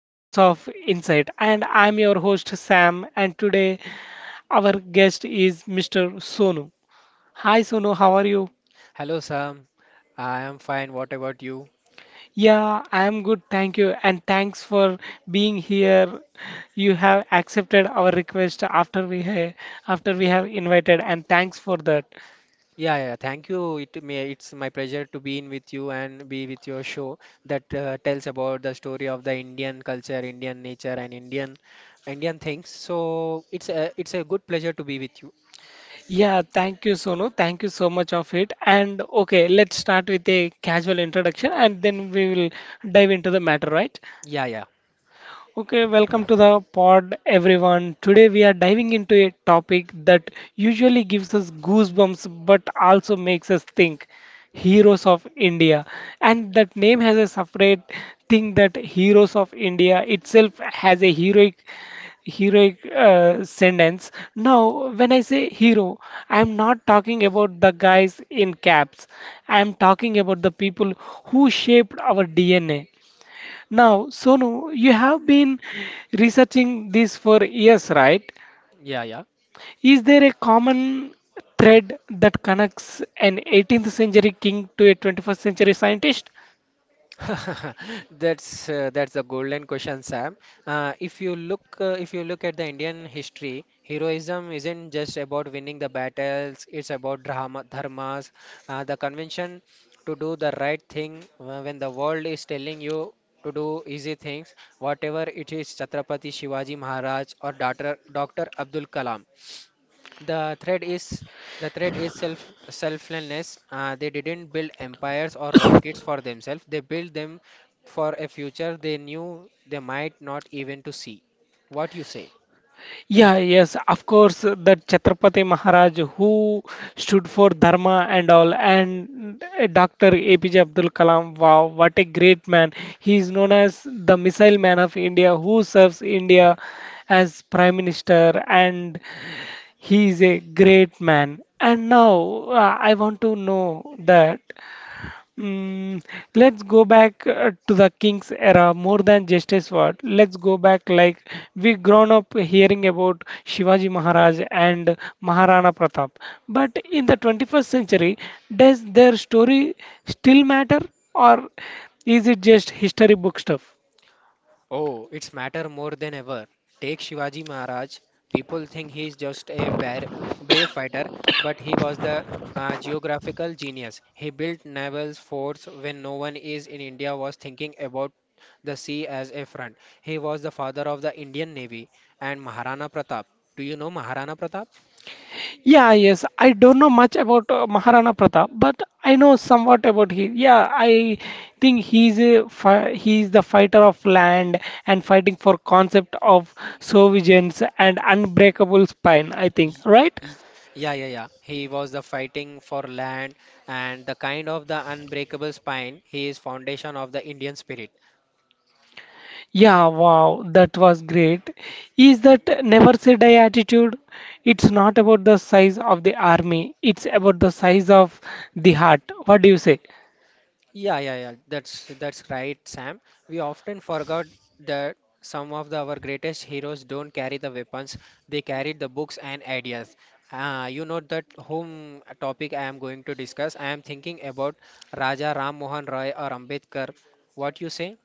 Echoes of Insight. And I'm your host Sam, and today our guest is Mr. Sonu. Hi Sonu, how are you? Hello, Sam. I am fine. What about you? Yeah, I'm good, thank you. And thanks for being here. You have accepted our request after we have invited, and thanks for that. Yeah, yeah. Thank you. It's my pleasure to be in with you and be with your show that tells about the story of the Indian culture, Indian nature, and Indian things. So it's a good pleasure to be with you. Yeah, thank you Sonu. Thank you so much of it. And okay, let's start with a casual introduction and then we will dive into the matter, right? Yeah, yeah, Okay, welcome to the pod, everyone. Today we are diving into a topic that usually gives us goosebumps but also makes us think Heroes of India. And that name has a separate thing, that Heroes of India itself has a heroic sentence. Now, when I say hero, I am not talking about the guys in caps. I am talking about the people who shaped our DNA. Now, Sonu, you have been researching this for years, right? yeah, yeah. Is there a common thread that connects an 18th century king to a 21st century scientist? That's a golden question, Sam. If you look at the Indian history, heroism isn't just about winning the battles. It's about drama, dharmas, the convention to do the right thing when the world is telling you to do easy things, whatever it is, Chhatrapati Shivaji Maharaj or Doctor Abdul Kalam. The thread is the thread is selflessness. They didn't build empires or rockets for themselves. They built them for a future they knew they might not even to see. What you say? Yeah, yes, of course, that Chhatrapati Maharaj who stood for Dharma and all, and Dr. APJ Abdul Kalam, wow, what a great man. He is known as the missile man of India who serves India as prime minister, and he is a Uh, great man. And now I want to know that. Mm, let's go back to the king's era, more than just a sword. Let's go back like we grown up hearing about Shivaji Maharaj and Maharana Pratap. But in the 21st century, does their story still matter or is it just history book stuff? Oh, it's matter more than ever. Take Shivaji Maharaj. People think he is just a brave fighter, but he was the geographical genius. He built naval forts when no one is in India was thinking about the sea as a front. He was the father of the Indian Navy and Maharana Pratap. Do you know Maharana Pratap? Yeah, yes. I don't know much about Maharana Pratap, but I know somewhat about he. Yeah, I think he's a fi he's the fighter of land and fighting for concept of sovereigns and unbreakable spine, I think, Y- right? y- Yeah, yeah, yeah. He was the fighting for land and the kind of the unbreakable spine. He is foundation of the Indian spirit. Yeah, wow, that was great. Is that never say die attitude? It's not about the size of the army, it's about the size of the heart. What do you say? Yeah, yeah, yeah. That's right, Sam. We often forgot that our greatest heroes don't carry the weapons; they carry the books and ideas. You know that whom topic I am going to discuss. I am thinking about Raja Ram Mohan Roy or Ambedkar. What you say?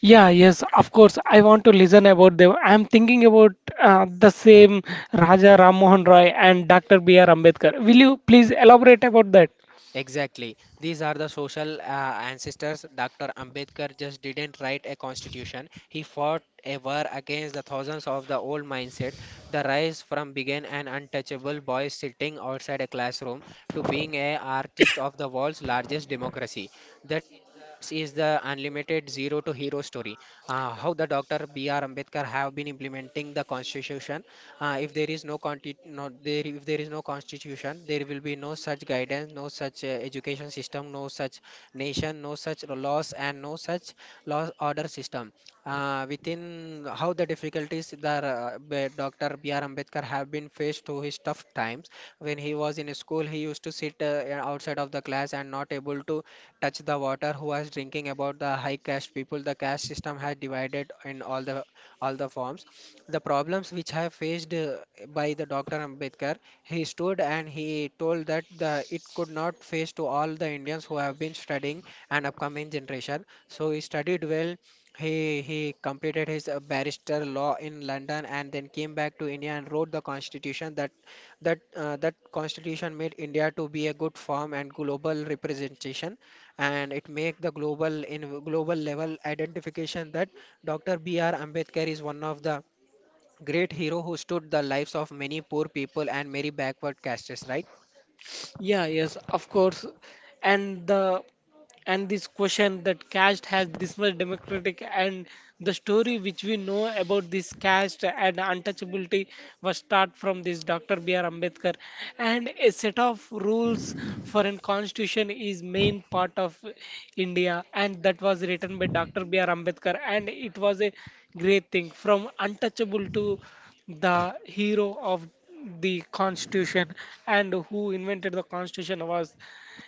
Yeah, yes, of course. I want to listen about them. I'm thinking about the same Raja Ram Mohan Roy and Dr. B. R. Ambedkar. Will you please elaborate about that? Exactly. These are the social ancestors. Dr. Ambedkar just didn't write a constitution. He fought a war against the thousands of the old mindset. The rise from being an untouchable boy sitting outside a classroom to being a artist of the world's largest democracy. That is the unlimited zero to hero story. How the Dr. B.R. Ambedkar have been implementing the constitution, if there is no constitution, there will be no such guidance, no such education system, no such nation, no such laws, and no such law order system, within how the difficulties the Dr. B.R. Ambedkar have been faced through his tough times. When he was in school, he used to sit outside of the class and not able to touch the water. Who was drinking about the high caste people? The caste system has divided in all the forms, the problems which I have faced by the Dr. Ambedkar, he stood and he told that it could not face to all the Indians who have been studying and upcoming generation. So he studied well. He completed his barrister law in London and then came back to India and wrote the constitution, that that constitution made India to be a good form and global representation, and it make the global in global level identification that Dr. B R Ambedkar is one of the great hero who stood the lives of many poor people and many backward castes, right? Yeah, yes, of course. And the and this question, that caste has this much democratic, and the story which we know about this caste and untouchability was start from this Dr. B.R. Ambedkar, and a set of rules for a constitution is main part of India, and that was written by Dr. B.R. Ambedkar, and it was a great thing, from untouchable to the hero of the constitution. And who invented the constitution was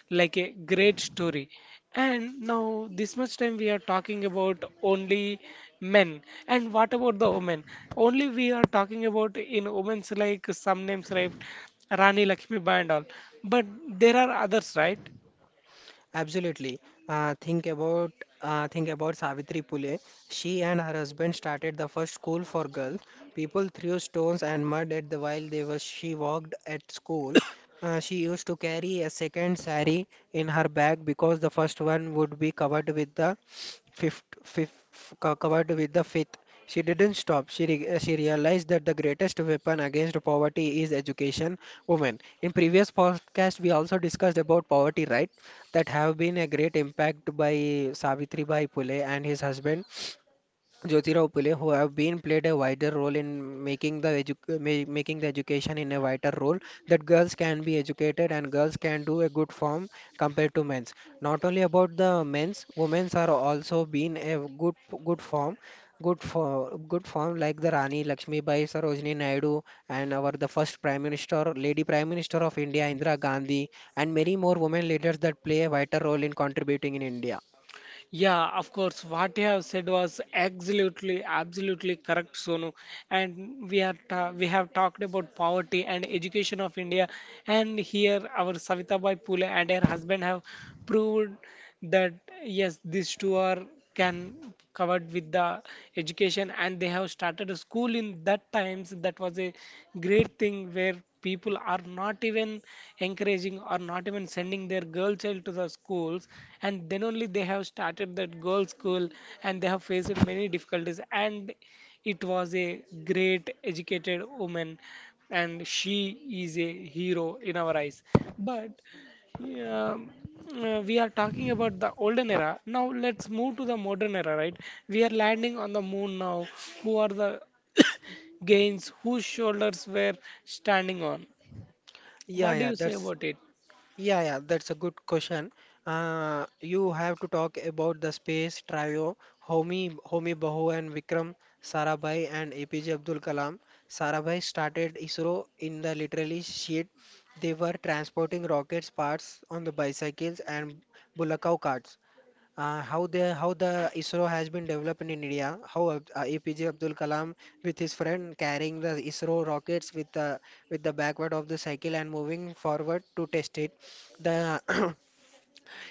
like a great story. And now this much time we are talking about only men, and what about the women? Only we are talking about in women's like some names, right? Rani Lakshmi Bai and all, but there are others, right? Absolutely. Uh, think about think about Savitri Phule. She and her husband started the first school for girls. People threw stones and mud at the while they was she walked at school. She used to carry a second sari in her bag because the first one would be covered with the fifth. She didn't stop. She realized that the greatest weapon against poverty is education. Women. In previous podcast, we also discussed about poverty, right? That have been a great impact by Savitri Bhai Phule and his husband. Jyotirao Phule, who have been played a wider role in making the education in a wider role, that girls can be educated and girls can do a good form compared to men's. Not only about the men's, women's are also been a good form, good for good form, like the Rani Lakshmi Bai, Sarojini Naidu, and our the first Prime Minister, Lady Prime Minister of India, Indira Gandhi, and many more women leaders that play a vital role in contributing in India. Yeah, of course. What you have said was absolutely, absolutely correct, Sonu. And we are ta we have talked about poverty and education of India, and here our Savitabai Phule and her husband have proved that yes, these two are can covered with the education, and they have started a school in that times. That was a great thing, where people are not even encouraging or not even sending their girl child to the schools, and then only they have started that girl school, and they have faced many difficulties, and it was a great educated woman, and she is a hero in our eyes. But yeah, we are talking about the olden era. Now let's move to the modern era, right? We are landing on the moon now. Who are the gains? Whose shoulders were standing on? Yeah, What do yeah, you say that's about it? Yeah, yeah, that's a good question. You have to talk about the space trio, Homi Bahu and Vikram Sarabhai and APJ Abdul Kalam. Sarabhai started ISRO in the literally sheet. They were transporting rockets parts on the bicycles and bulacao carts, how the ISRO has been developed in India, how APJ Abdul Kalam with his friend carrying the ISRO rockets with the backward of the cycle and moving forward to test it. The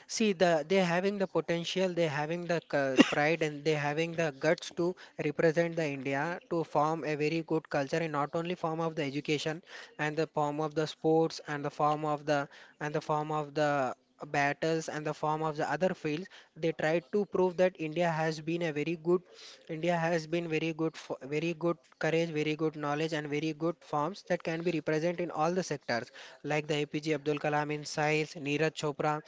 See, they having the potential, they having the pride, and they having the guts to represent the India to form a very good culture, and not only form of the education and the form of the sports and the form of the battles and the form of the other fields. They tried to prove that India has been very good, very good courage, very good knowledge, and very good forms that can be represented in all the sectors, like the APJ Abdul Kalam in science, Neeraj Chopra.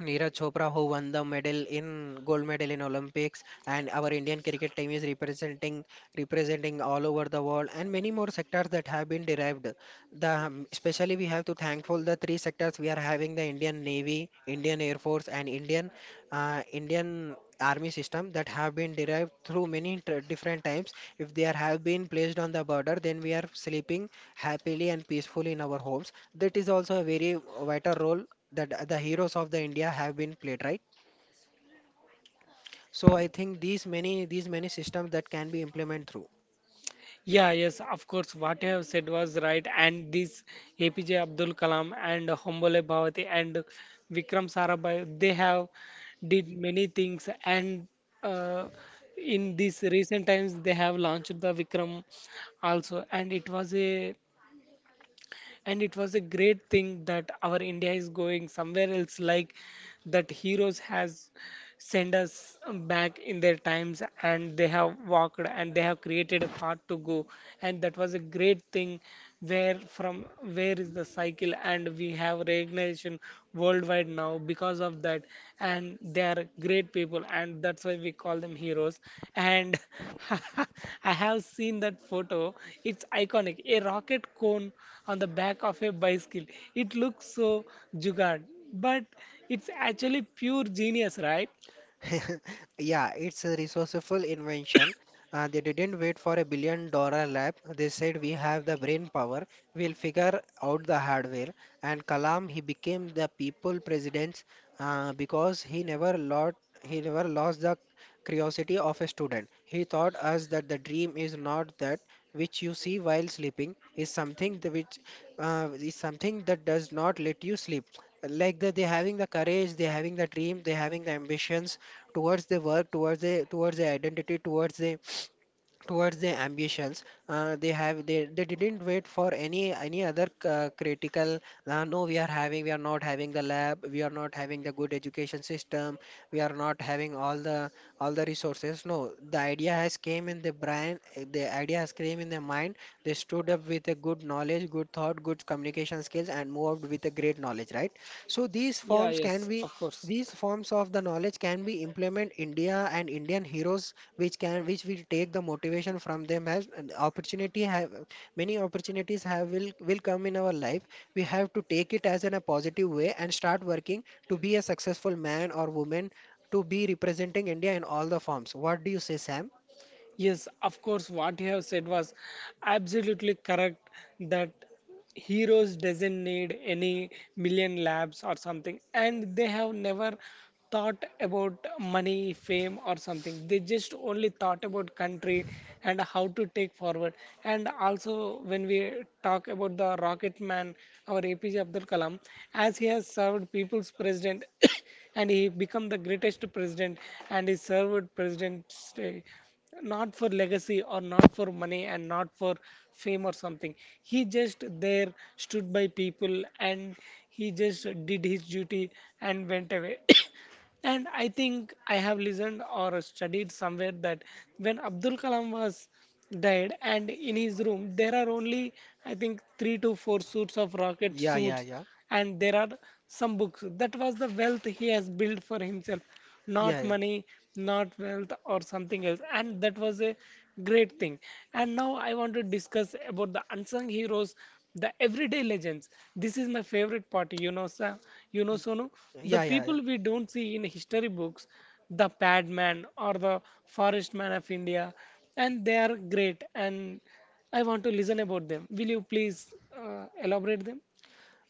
Neeraj Chopra, who won the medal in gold medal in Olympics, and our Indian cricket team is representing all over the world, and many more sectors that have been derived. The Especially, we have to thankful the three sectors we are having: the Indian Navy, Indian Air Force, and Indian Army system that have been derived through many different times. If have been placed on the border, then we are sleeping happily and peacefully in our homes. That is also a very vital role that the heroes of the India have been played, right? So I think these many systems that can be implemented through. Yeah, yes, of course. What you have said was right. And this APJ Abdul Kalam and Hombole Bhavati and Vikram Sarabhai, they have did many things. And uh, in these recent times, they have launched the Vikram also. And it was a great thing, that our India is going somewhere else. Like that, heroes has send us back in their times, and they have walked and they have created a path to go, and that was a great thing, where from where is the cycle and we have recognition worldwide now because of that, and they are great people, and that's why we call them heroes. And I have seen that photo. It's iconic, a rocket cone on the back of a bicycle. It looks so jugaad, but it's actually pure genius, right? Yeah, it's a resourceful invention. They didn't wait for $1 billion lab. They said, we have the brain power, we'll figure out the hardware. And Kalam, he became the people president because he never lost the curiosity of a student. He taught us that the dream is not that which you see while sleeping, is something that does not let you sleep. They having the courage, they having the dream, they having the ambitions towards the work, towards the identity, towards their ambitions, they didn't wait for any other critical, no, we are not having the lab, we are not having the good education system, we are not having all the resources. No, the idea has came in their mind. They stood up with a good knowledge, good thought, good communication skills and moved with a great knowledge, right? So Yeah, yes, of course. these forms of the knowledge can be implement India and Indian heroes, which will take the motivation from them as an opportunity, have many opportunities, have will come in our life. We have to take it as in a positive way and start working to be a successful man or woman, to be representing India in all the forms. What do you say, Sam? Yes, of course, what you have said was absolutely correct, that heroes doesn't need any million labs or something, and they have never thought about money, fame, or something. They just only thought about country and how to take forward. And also, when we talk about the rocket man, our APJ Abdul Kalam, as he has served people's president. And he became the greatest president, and he served presidents not for legacy or not for money and not for fame or something. He just there stood by people, and he just did his duty and went away. And I think I have listened or studied somewhere that when Abdul Kalam was died and in his room there are only, I think, 3 to 4 suits of rocket Yeah, yeah, suits, yeah, and there are some books. That was the wealth he has built for himself, yeah, not yeah. money, not wealth or something else, and that was a great thing. And now I want to discuss about the unsung heroes, the everyday legends. This is my favorite part, you know, Sonu. The Yeah, yeah, people yeah. we don't see in history books, the Padman or the forest man of India, and they are great, and I want to listen about them. Will you please elaborate them?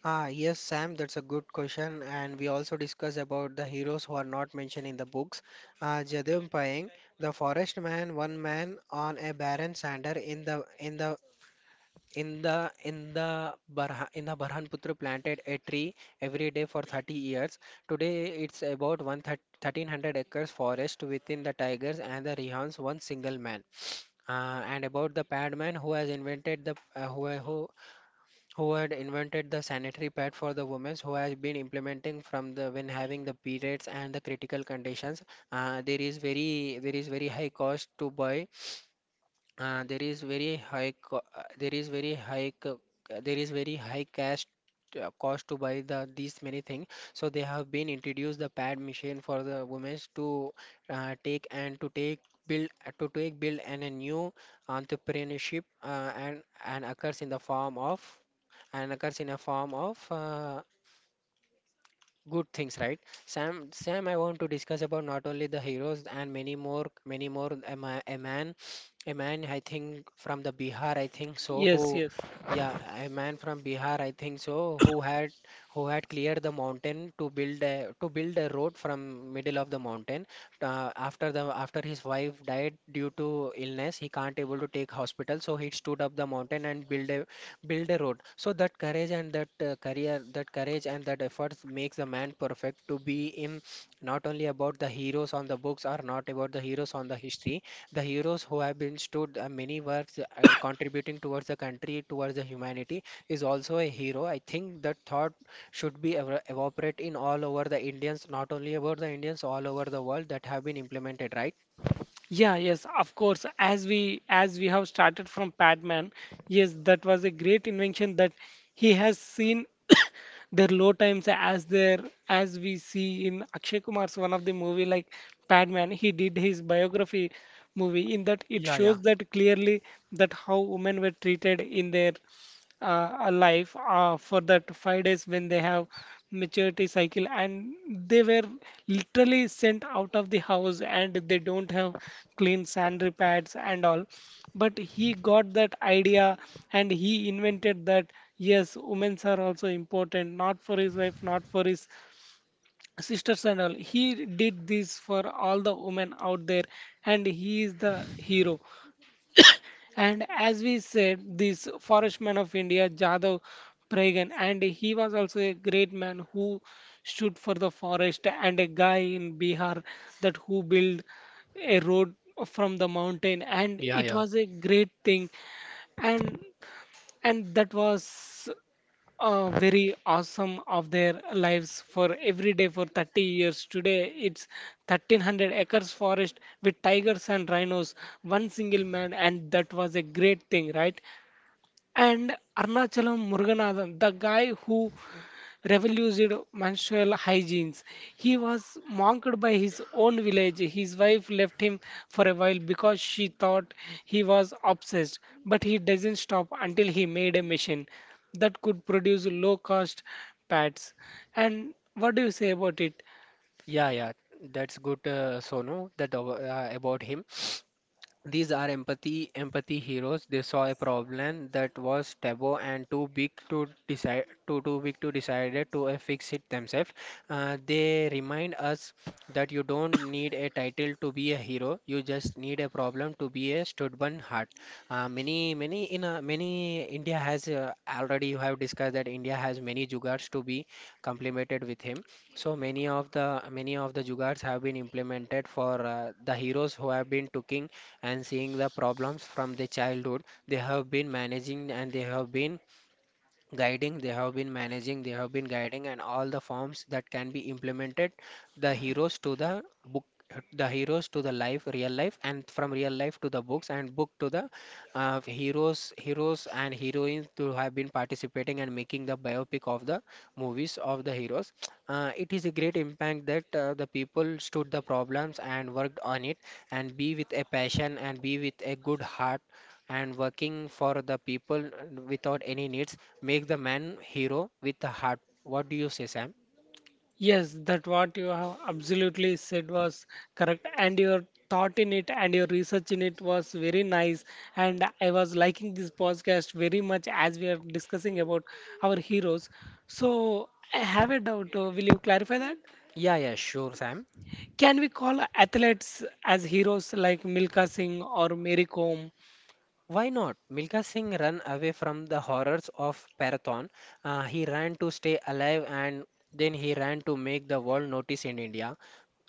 Ah, yes, Sam, that's a good question. And we also discuss about the heroes who are not mentioned in the books. Jadam Payeng, the forest man, one man on a barren sander in the Barha, in the Burhanputra planted a tree every day for 30 years. Today it's about 1 1300 acres forest within the tigers and the rehans, one single man. And about the padman, who has invented the who had invented the sanitary pad for the women, who has been implementing from the when having the periods and the critical conditions. There is very there is very high cost to buy uh, there is very high co uh, there is very high co there is very high cash cost to buy these many things. So they have been introduced the pad machine for the women to take and to take build, to take build and a new entrepreneurship, and occurs in a form of good things, right? Sam, I want to discuss about not only the heroes and many more, many more. A man, I think from the Bihar, I think so. Yes, Who, yes. yeah, a man from Bihar, I think so, who had cleared the mountain to build a road from middle of the mountain. After his wife died due to illness, he can't able to take hospital, so he stood up the mountain and build a road. So that courage and that career that courage and that efforts makes a man perfect to be in, not only about the heroes on the books or not about the heroes on the history, the heroes who have been stood, many works, contributing towards the country, towards the humanity, is also a hero. I think that thought should be evaporate in all over the Indians, not only about the Indians, all over the world, that have been implemented, right? Yeah, yes, of course. As we have started from Padman, yes, that was a great invention, that he has seen their low times as their, as we see in Akshay Kumar's one of the movie like Padman. He did his biography movie, in that it Yeah, yeah, shows that clearly, that how women were treated in their a life for that 5 days when they have maturity cycle, and they were literally sent out of the house, and they don't have clean sanitary pads and all. But he got that idea and he invented that, yes, women's are also important. Not for his wife, not for his sisters and all, he did this for all the women out there, and he is the hero. And as we said, this forest man of India, Jadav Pragan, and he was also a great man who stood for the forest, and a guy in Bihar that who built a road from the mountain, and yeah, it yeah. was a great thing. And that was very awesome of their lives, for every day for 30 years. Today it's 1300 acres forest with tigers and rhinos, one single man, and that was a great thing, right? And Arnachalam Muruganathan, the guy who revolutionized menstrual hygiene. He was mocked by his own village. His wife left him for a while because she thought he was obsessed, but he doesn't stop until he made a machine that could produce low cost pads. And what do you say about it? Yeah. That's good, Sonu, that about him. These are empathy heroes. They saw a problem that was taboo and too big to decide, too big to decide it to fix it themselves. They remind us that you don't need a title to be a hero. You just need a problem to be a stubborn heart. Many India has already, you have discussed that India has many jugars to be complemented with him. So many of the jugars have been implemented for the heroes who have been taking and seeing the problems from the childhood. They have been managing and they have been guiding they have been managing they have been guiding, and all the forms that can be implemented, the heroes to the book, the heroes to the life, real life, and from real life to the books, and book to the heroes and heroines, to have been participating and making the biopic of the movies of the heroes. It is a great impact that the people stood the problems and worked on it, and be with a passion and be with a good heart, and working for the people without any needs. Make the man hero with a heart. What do you say, Sam? Yes, that what you have absolutely said was correct, and your thought in it and your research in it was very nice. And I was liking this podcast very much as we are discussing about our heroes. So I have a doubt. Will you clarify that? Yeah, yeah, sure, Sam. Can we call athletes as heroes like Milka Singh or Mary Kom? Why not? Milka Singh ran away from the horrors of Parathon. He ran to stay alive, and then he ran to make the world notice in India.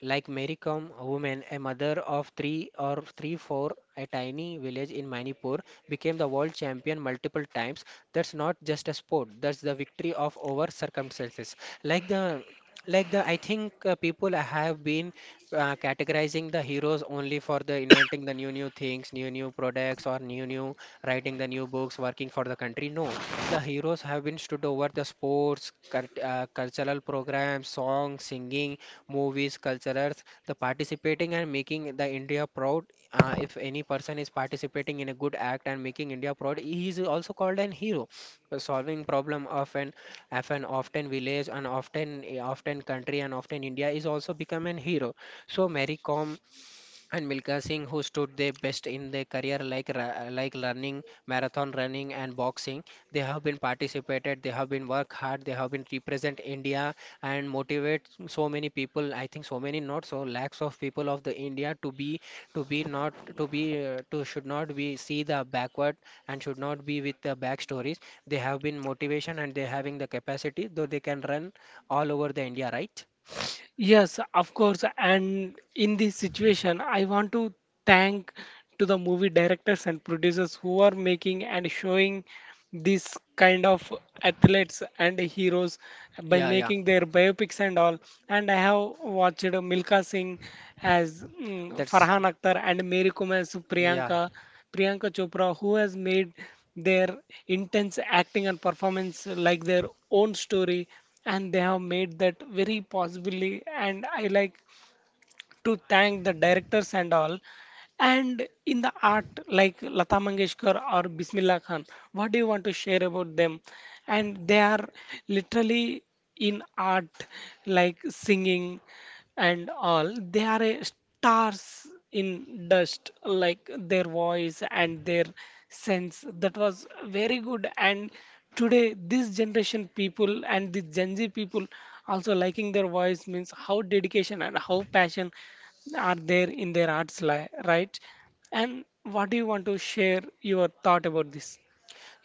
Like Mary Kom, woman, a mother of three or three, four, a tiny village in Manipur, became the world champion multiple times. That's not just a sport, that's the victory of over circumstances. Like the like the I think people have been categorizing the heroes only for the inventing the new new things new new products or new new writing the new books, working for the country. No, the heroes have been stood over the sports, cultural programs, songs, singing, movies, cultures, the participating and making the India proud. If any person is participating in a good act and making India proud, he is also called an hero. Solving problem of an often village and often, often country, and often India, is also become an hero. So Mary Kom and Milka Singh, who stood their best in their career, like like running, marathon running, and boxing, they have been participated, they have been work hard, they have been represent India and motivate so many people. I think so many, not so lakhs of people of the India to be to be, not to be to should not be see the backward, and should not be with the back stories. They have been motivation and they having the capacity, though they can run all over the India, right? Yes, of course. And in this situation, I want to thank to the movie directors and producers who are making and showing these kind of athletes and heroes by Yeah, yeah, making their biopics and all. And I have watched Milka Singh as that's Farhan Akhtar and Mary Kom as yeah. Priyanka, Priyanka Chopra, who has made their intense acting and performance like their own story, and they have made that very possibly, and I like to thank the directors and all. And in the art, like Lata Mangeshkar or Bismillah Khan, what do you want to share about them? And they are literally in art, like singing and all. They are a stars in dust, like their voice and their sense. That was very good. And today, this generation people and the Gen Z people also liking their voice, means how dedication and how passion are there in their arts li, right? And what do you want to share your thought about this?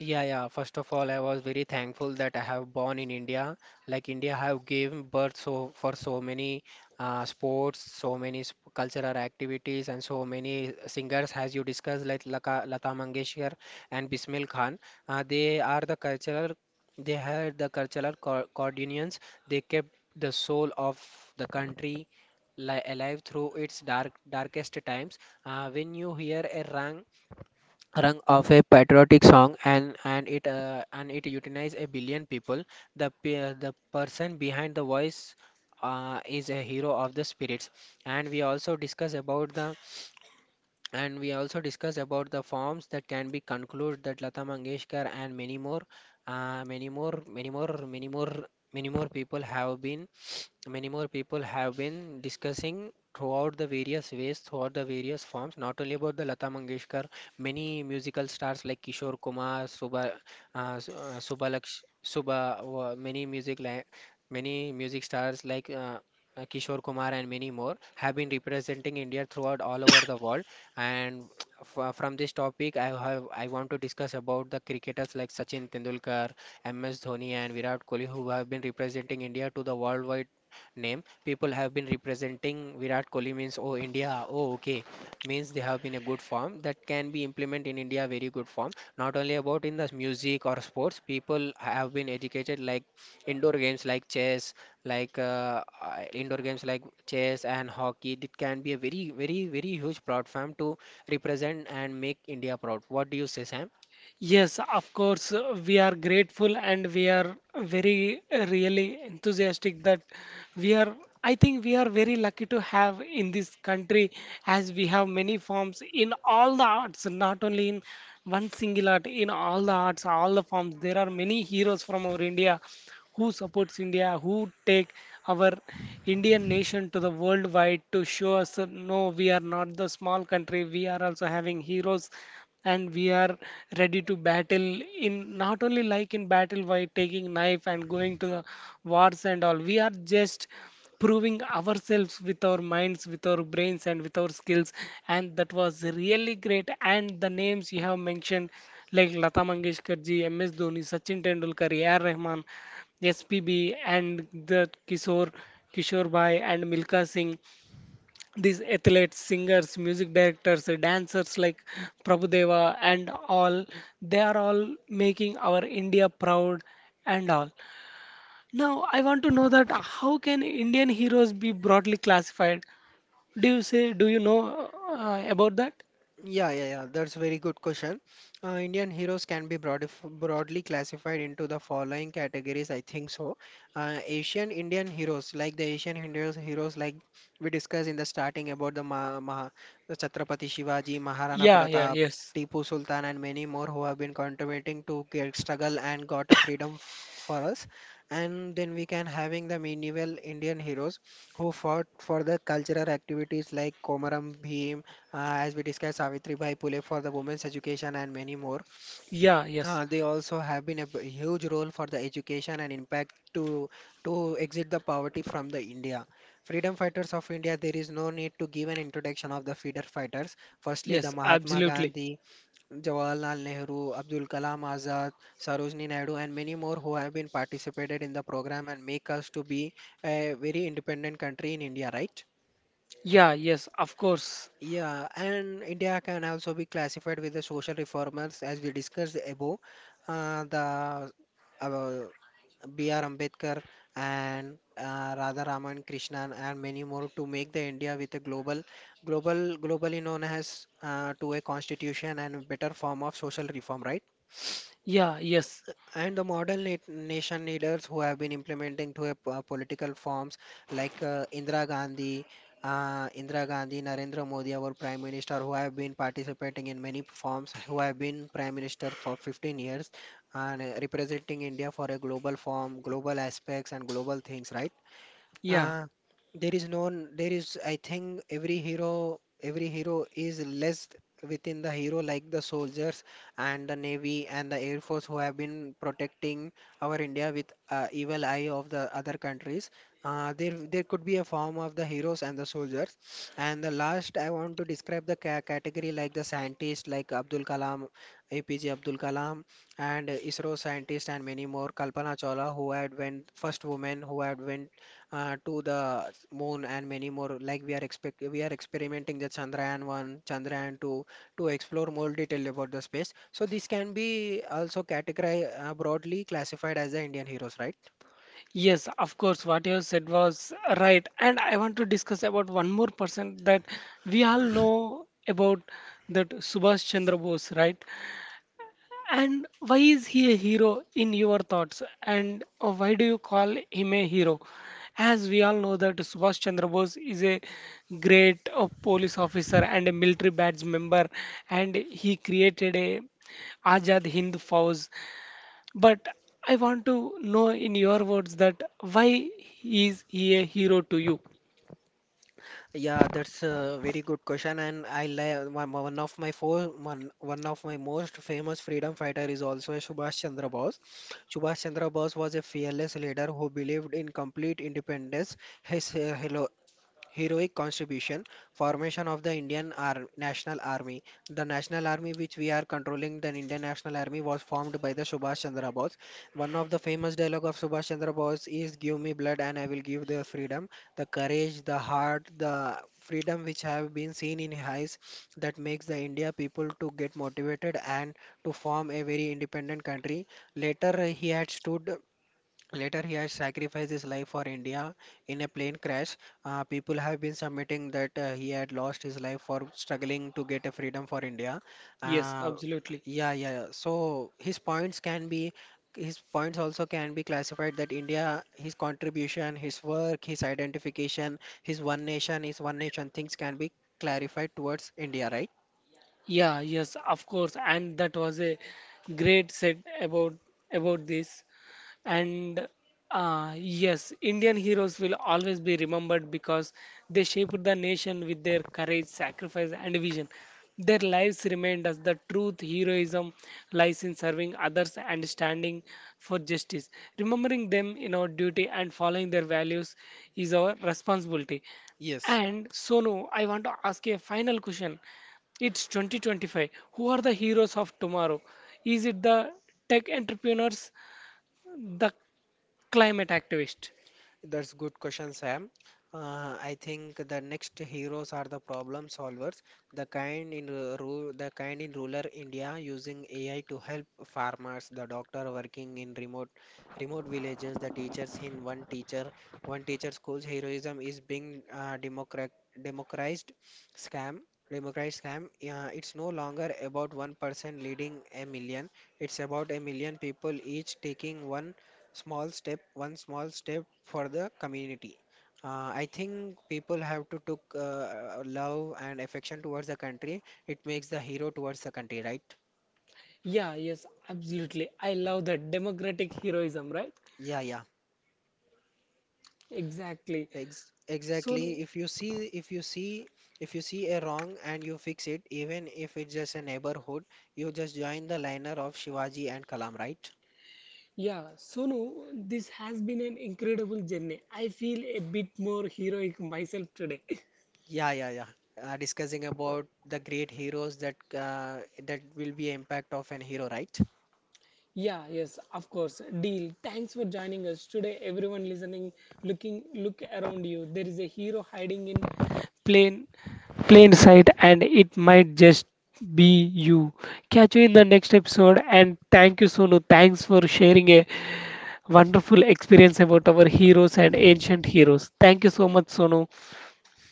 Yeah, yeah. First of all, I was very thankful that I have born in India. Like India have given birth so for so many sports, so many cultural activities, and so many singers, as you discussed, like Lata Mangeshkar and Bismil Khan. They are the cultural. They had the cultural coordinates. They kept the soul of the country li alive through its darkest times. When you hear a rang rung of a patriotic song, and it unites a billion people, the the person behind the voice is a hero of the spirits. And we also discuss about the and we also discuss about the forms that can be concluded, that Lata Mangeshkar and many more, many more many more many more many more people have been many more people have been discussing throughout the various ways, throughout the various forms, not only about the Lata Mangeshkar, many musical stars like Kishore Kumar, Subha, Subhalaksh, Subha, many music stars like Kishore Kumar and many more have been representing India throughout all over the world. And f from this topic, I want to discuss about the cricketers like Sachin Tendulkar, MS Dhoni, and Virat Kohli, who have been representing India to the worldwide name. People have been representing Virat Kohli, means oh India, oh okay, means they have been a good form that can be implemented in India, very good form. Not only about in the music or sports, people have been educated like indoor games like chess, like indoor games like chess and hockey. It can be a very, very, very huge platform to represent and make India proud. What do you say, Sam? Yes, of course, we are grateful and we are very, really enthusiastic that we are, I think we are very lucky to have in this country, as we have many forms in all the arts, not only in one single art, in all the arts, all the forms. There are many heroes from our India who supports India, who take our Indian nation to the worldwide, to show us that no, we are not the small country. We are also having heroes, and we are ready to battle in, not only like in battle by taking knife and going to the wars and all. We are just proving ourselves with our minds, with our brains, and with our skills, and that was really great. And the names you have mentioned like Lata Mangeshkar Ji, MS Dhoni, Sachin Tendulkar, AR Rahman, SPB, and the kishore Kishore Bhai, and Milka Singh, these athletes, singers, music directors, dancers like Prabhudeva and all, they are all making our India proud and all. Now, I want to know that how can Indian heroes be broadly classified? Do you know about that? Yeah, yeah, yeah. That's a very good question. Indian heroes can be broadly classified into the following categories, I think so. Asian Indian heroes, like the Asian Indian heroes, like we discussed in the starting about the the Chhatrapati Shivaji, Maharana Yeah, yeah, Pratap, yes. Tipu Sultan, and many more, who have been contributing to get struggle and got a freedom f for us. And then we can having the medieval Indian heroes who fought for the cultural activities like Komaram Bhim. As we discussed, Savitribai Phule for the women's education and many more. Yeah, yes. They also have been a huge role for the education and impact to exit the poverty from the India. Freedom fighters of India, there is no need to give an introduction of the freedom fighters. Firstly, the Yes, Mahatma absolutely. Gandhi, Jawaharlal Nehru, Abdul Kalam Azad, Sarojini Naidu, and many more, who have been participated in the program and make us to be a very independent country in India, right? Yeah, yes, of course. Yeah, and India can also be classified with the social reformers, as we discussed above. The uh, B.R. Ambedkar and Radha Raman Krishnan and many more, to make the India with a global, global, globally known as to a constitution and a better form of social reform, right? Yeah, yes. And the modern nation leaders, who have been implementing to a political forms, like Indira Gandhi, Narendra Modi, our Prime Minister, who have been participating in many forms, who have been Prime Minister for 15 years and representing India for a global form, global aspects, and global things, right? Yeah. Uh, there is no, there is, I think every hero is less within the hero, like the soldiers and the navy and the air force, who have been protecting our India with evil eye of the other countries. There could be a form of the heroes and the soldiers. And the last, I want to describe the ca category like the scientist, like Abdul Kalam, APJ Abdul Kalam, and ISRO scientist and many more. Kalpana Chawla, who had went first woman who had went to the moon, and many more. Like we are expect we are experimenting the Chandrayaan 1, Chandrayaan 2 to explore more detail about the space. So this can be also categorized broadly classified as the Indian heroes, right? Yes, of course, what you have said was right. And I want to discuss about one more person, that we all know about, that Subhash Chandra Bose, right? And why is he a hero in your thoughts? And why do you call him a hero? As we all know that Subhash Chandra Bose is a great police officer and a military badge member, and he created a Azad Hind Fauj. But I want to know in your words that why is he a hero to you? Yeah, that's a very good question, and I li- one one of my four one, one of my most famous freedom fighter is also a Subhash Chandra Bose. Subhash Chandra Bose was a fearless leader who believed in complete independence. His heroic contribution, formation of the Indian National Army. The National Army which we are controlling, the Indian National Army, was formed by the Subhash Chandra Bose. One of the famous dialogue of Subhash Chandra Bose is give me blood and I will give the freedom, the courage, the heart, the freedom which have been seen in his eyes, that makes the India people to get motivated and to form a very independent country. Later he had stood Later, he has sacrificed his life for India in a plane crash. People have been submitting that he had lost his life for struggling to get a freedom for India. Yes, Uh, absolutely. yeah. So his points also can be classified, that India, his contribution, his work, his identification, his one nation things can be clarified towards India, right? Yeah, yes, of course, and that was a great set about this. And yes, Indian heroes will always be remembered because they shaped the nation with their courage, sacrifice, and vision. Their lives remind us the truth, heroism lies in serving others and standing for justice. Remembering them in our duty and following their values is our responsibility. Yes. And Sonu, I want to ask you a final question. It's 2025. Who are the heroes of tomorrow? Is it the tech entrepreneurs, the climate activist? That's good question, Sam. I think the next heroes are the problem solvers, the kind in ru- ru- the kind in rural India using AI to help farmers, the doctor working in remote villages, the teachers in one teacher school's heroism is being democratized scam democratized scam. It's no longer about one person leading a million. It's about a million people each taking one small step for the community. I think people have to took love and affection towards the country, it makes the hero towards the country, right? Yeah, yes, absolutely. I love that democratic heroism, right? Yeah. Exactly. Exactly Sonu, if you see, if you see if you see a wrong and you fix it, even if it's just a neighborhood, you just join the liner of Shivaji and Kalam, right? yeah, Sonu, this has been an incredible journey. I feel a bit more heroic myself today. Yeah. Discussing about the great heroes, uh, that will be impact of an hero, right? Yeah, yes, of course. Deal. Thanks for joining us today. Everyone listening, looking, look around you. There is a hero hiding in plain, plain sight, and it might just be you. Catch you in the next episode, and thank you, Sonu. Thanks for sharing a wonderful experience about our heroes and ancient heroes. Thank you so much, Sonu.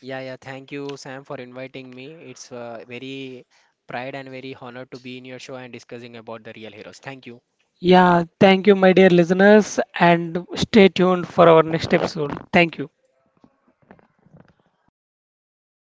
Yeah, yeah. Thank you, Sam, for inviting me. It's very pride and very honor to be in your show and discussing about the real heroes. Thank you. Yeah, thank you, my dear listeners, and stay tuned for our next episode. Thank you.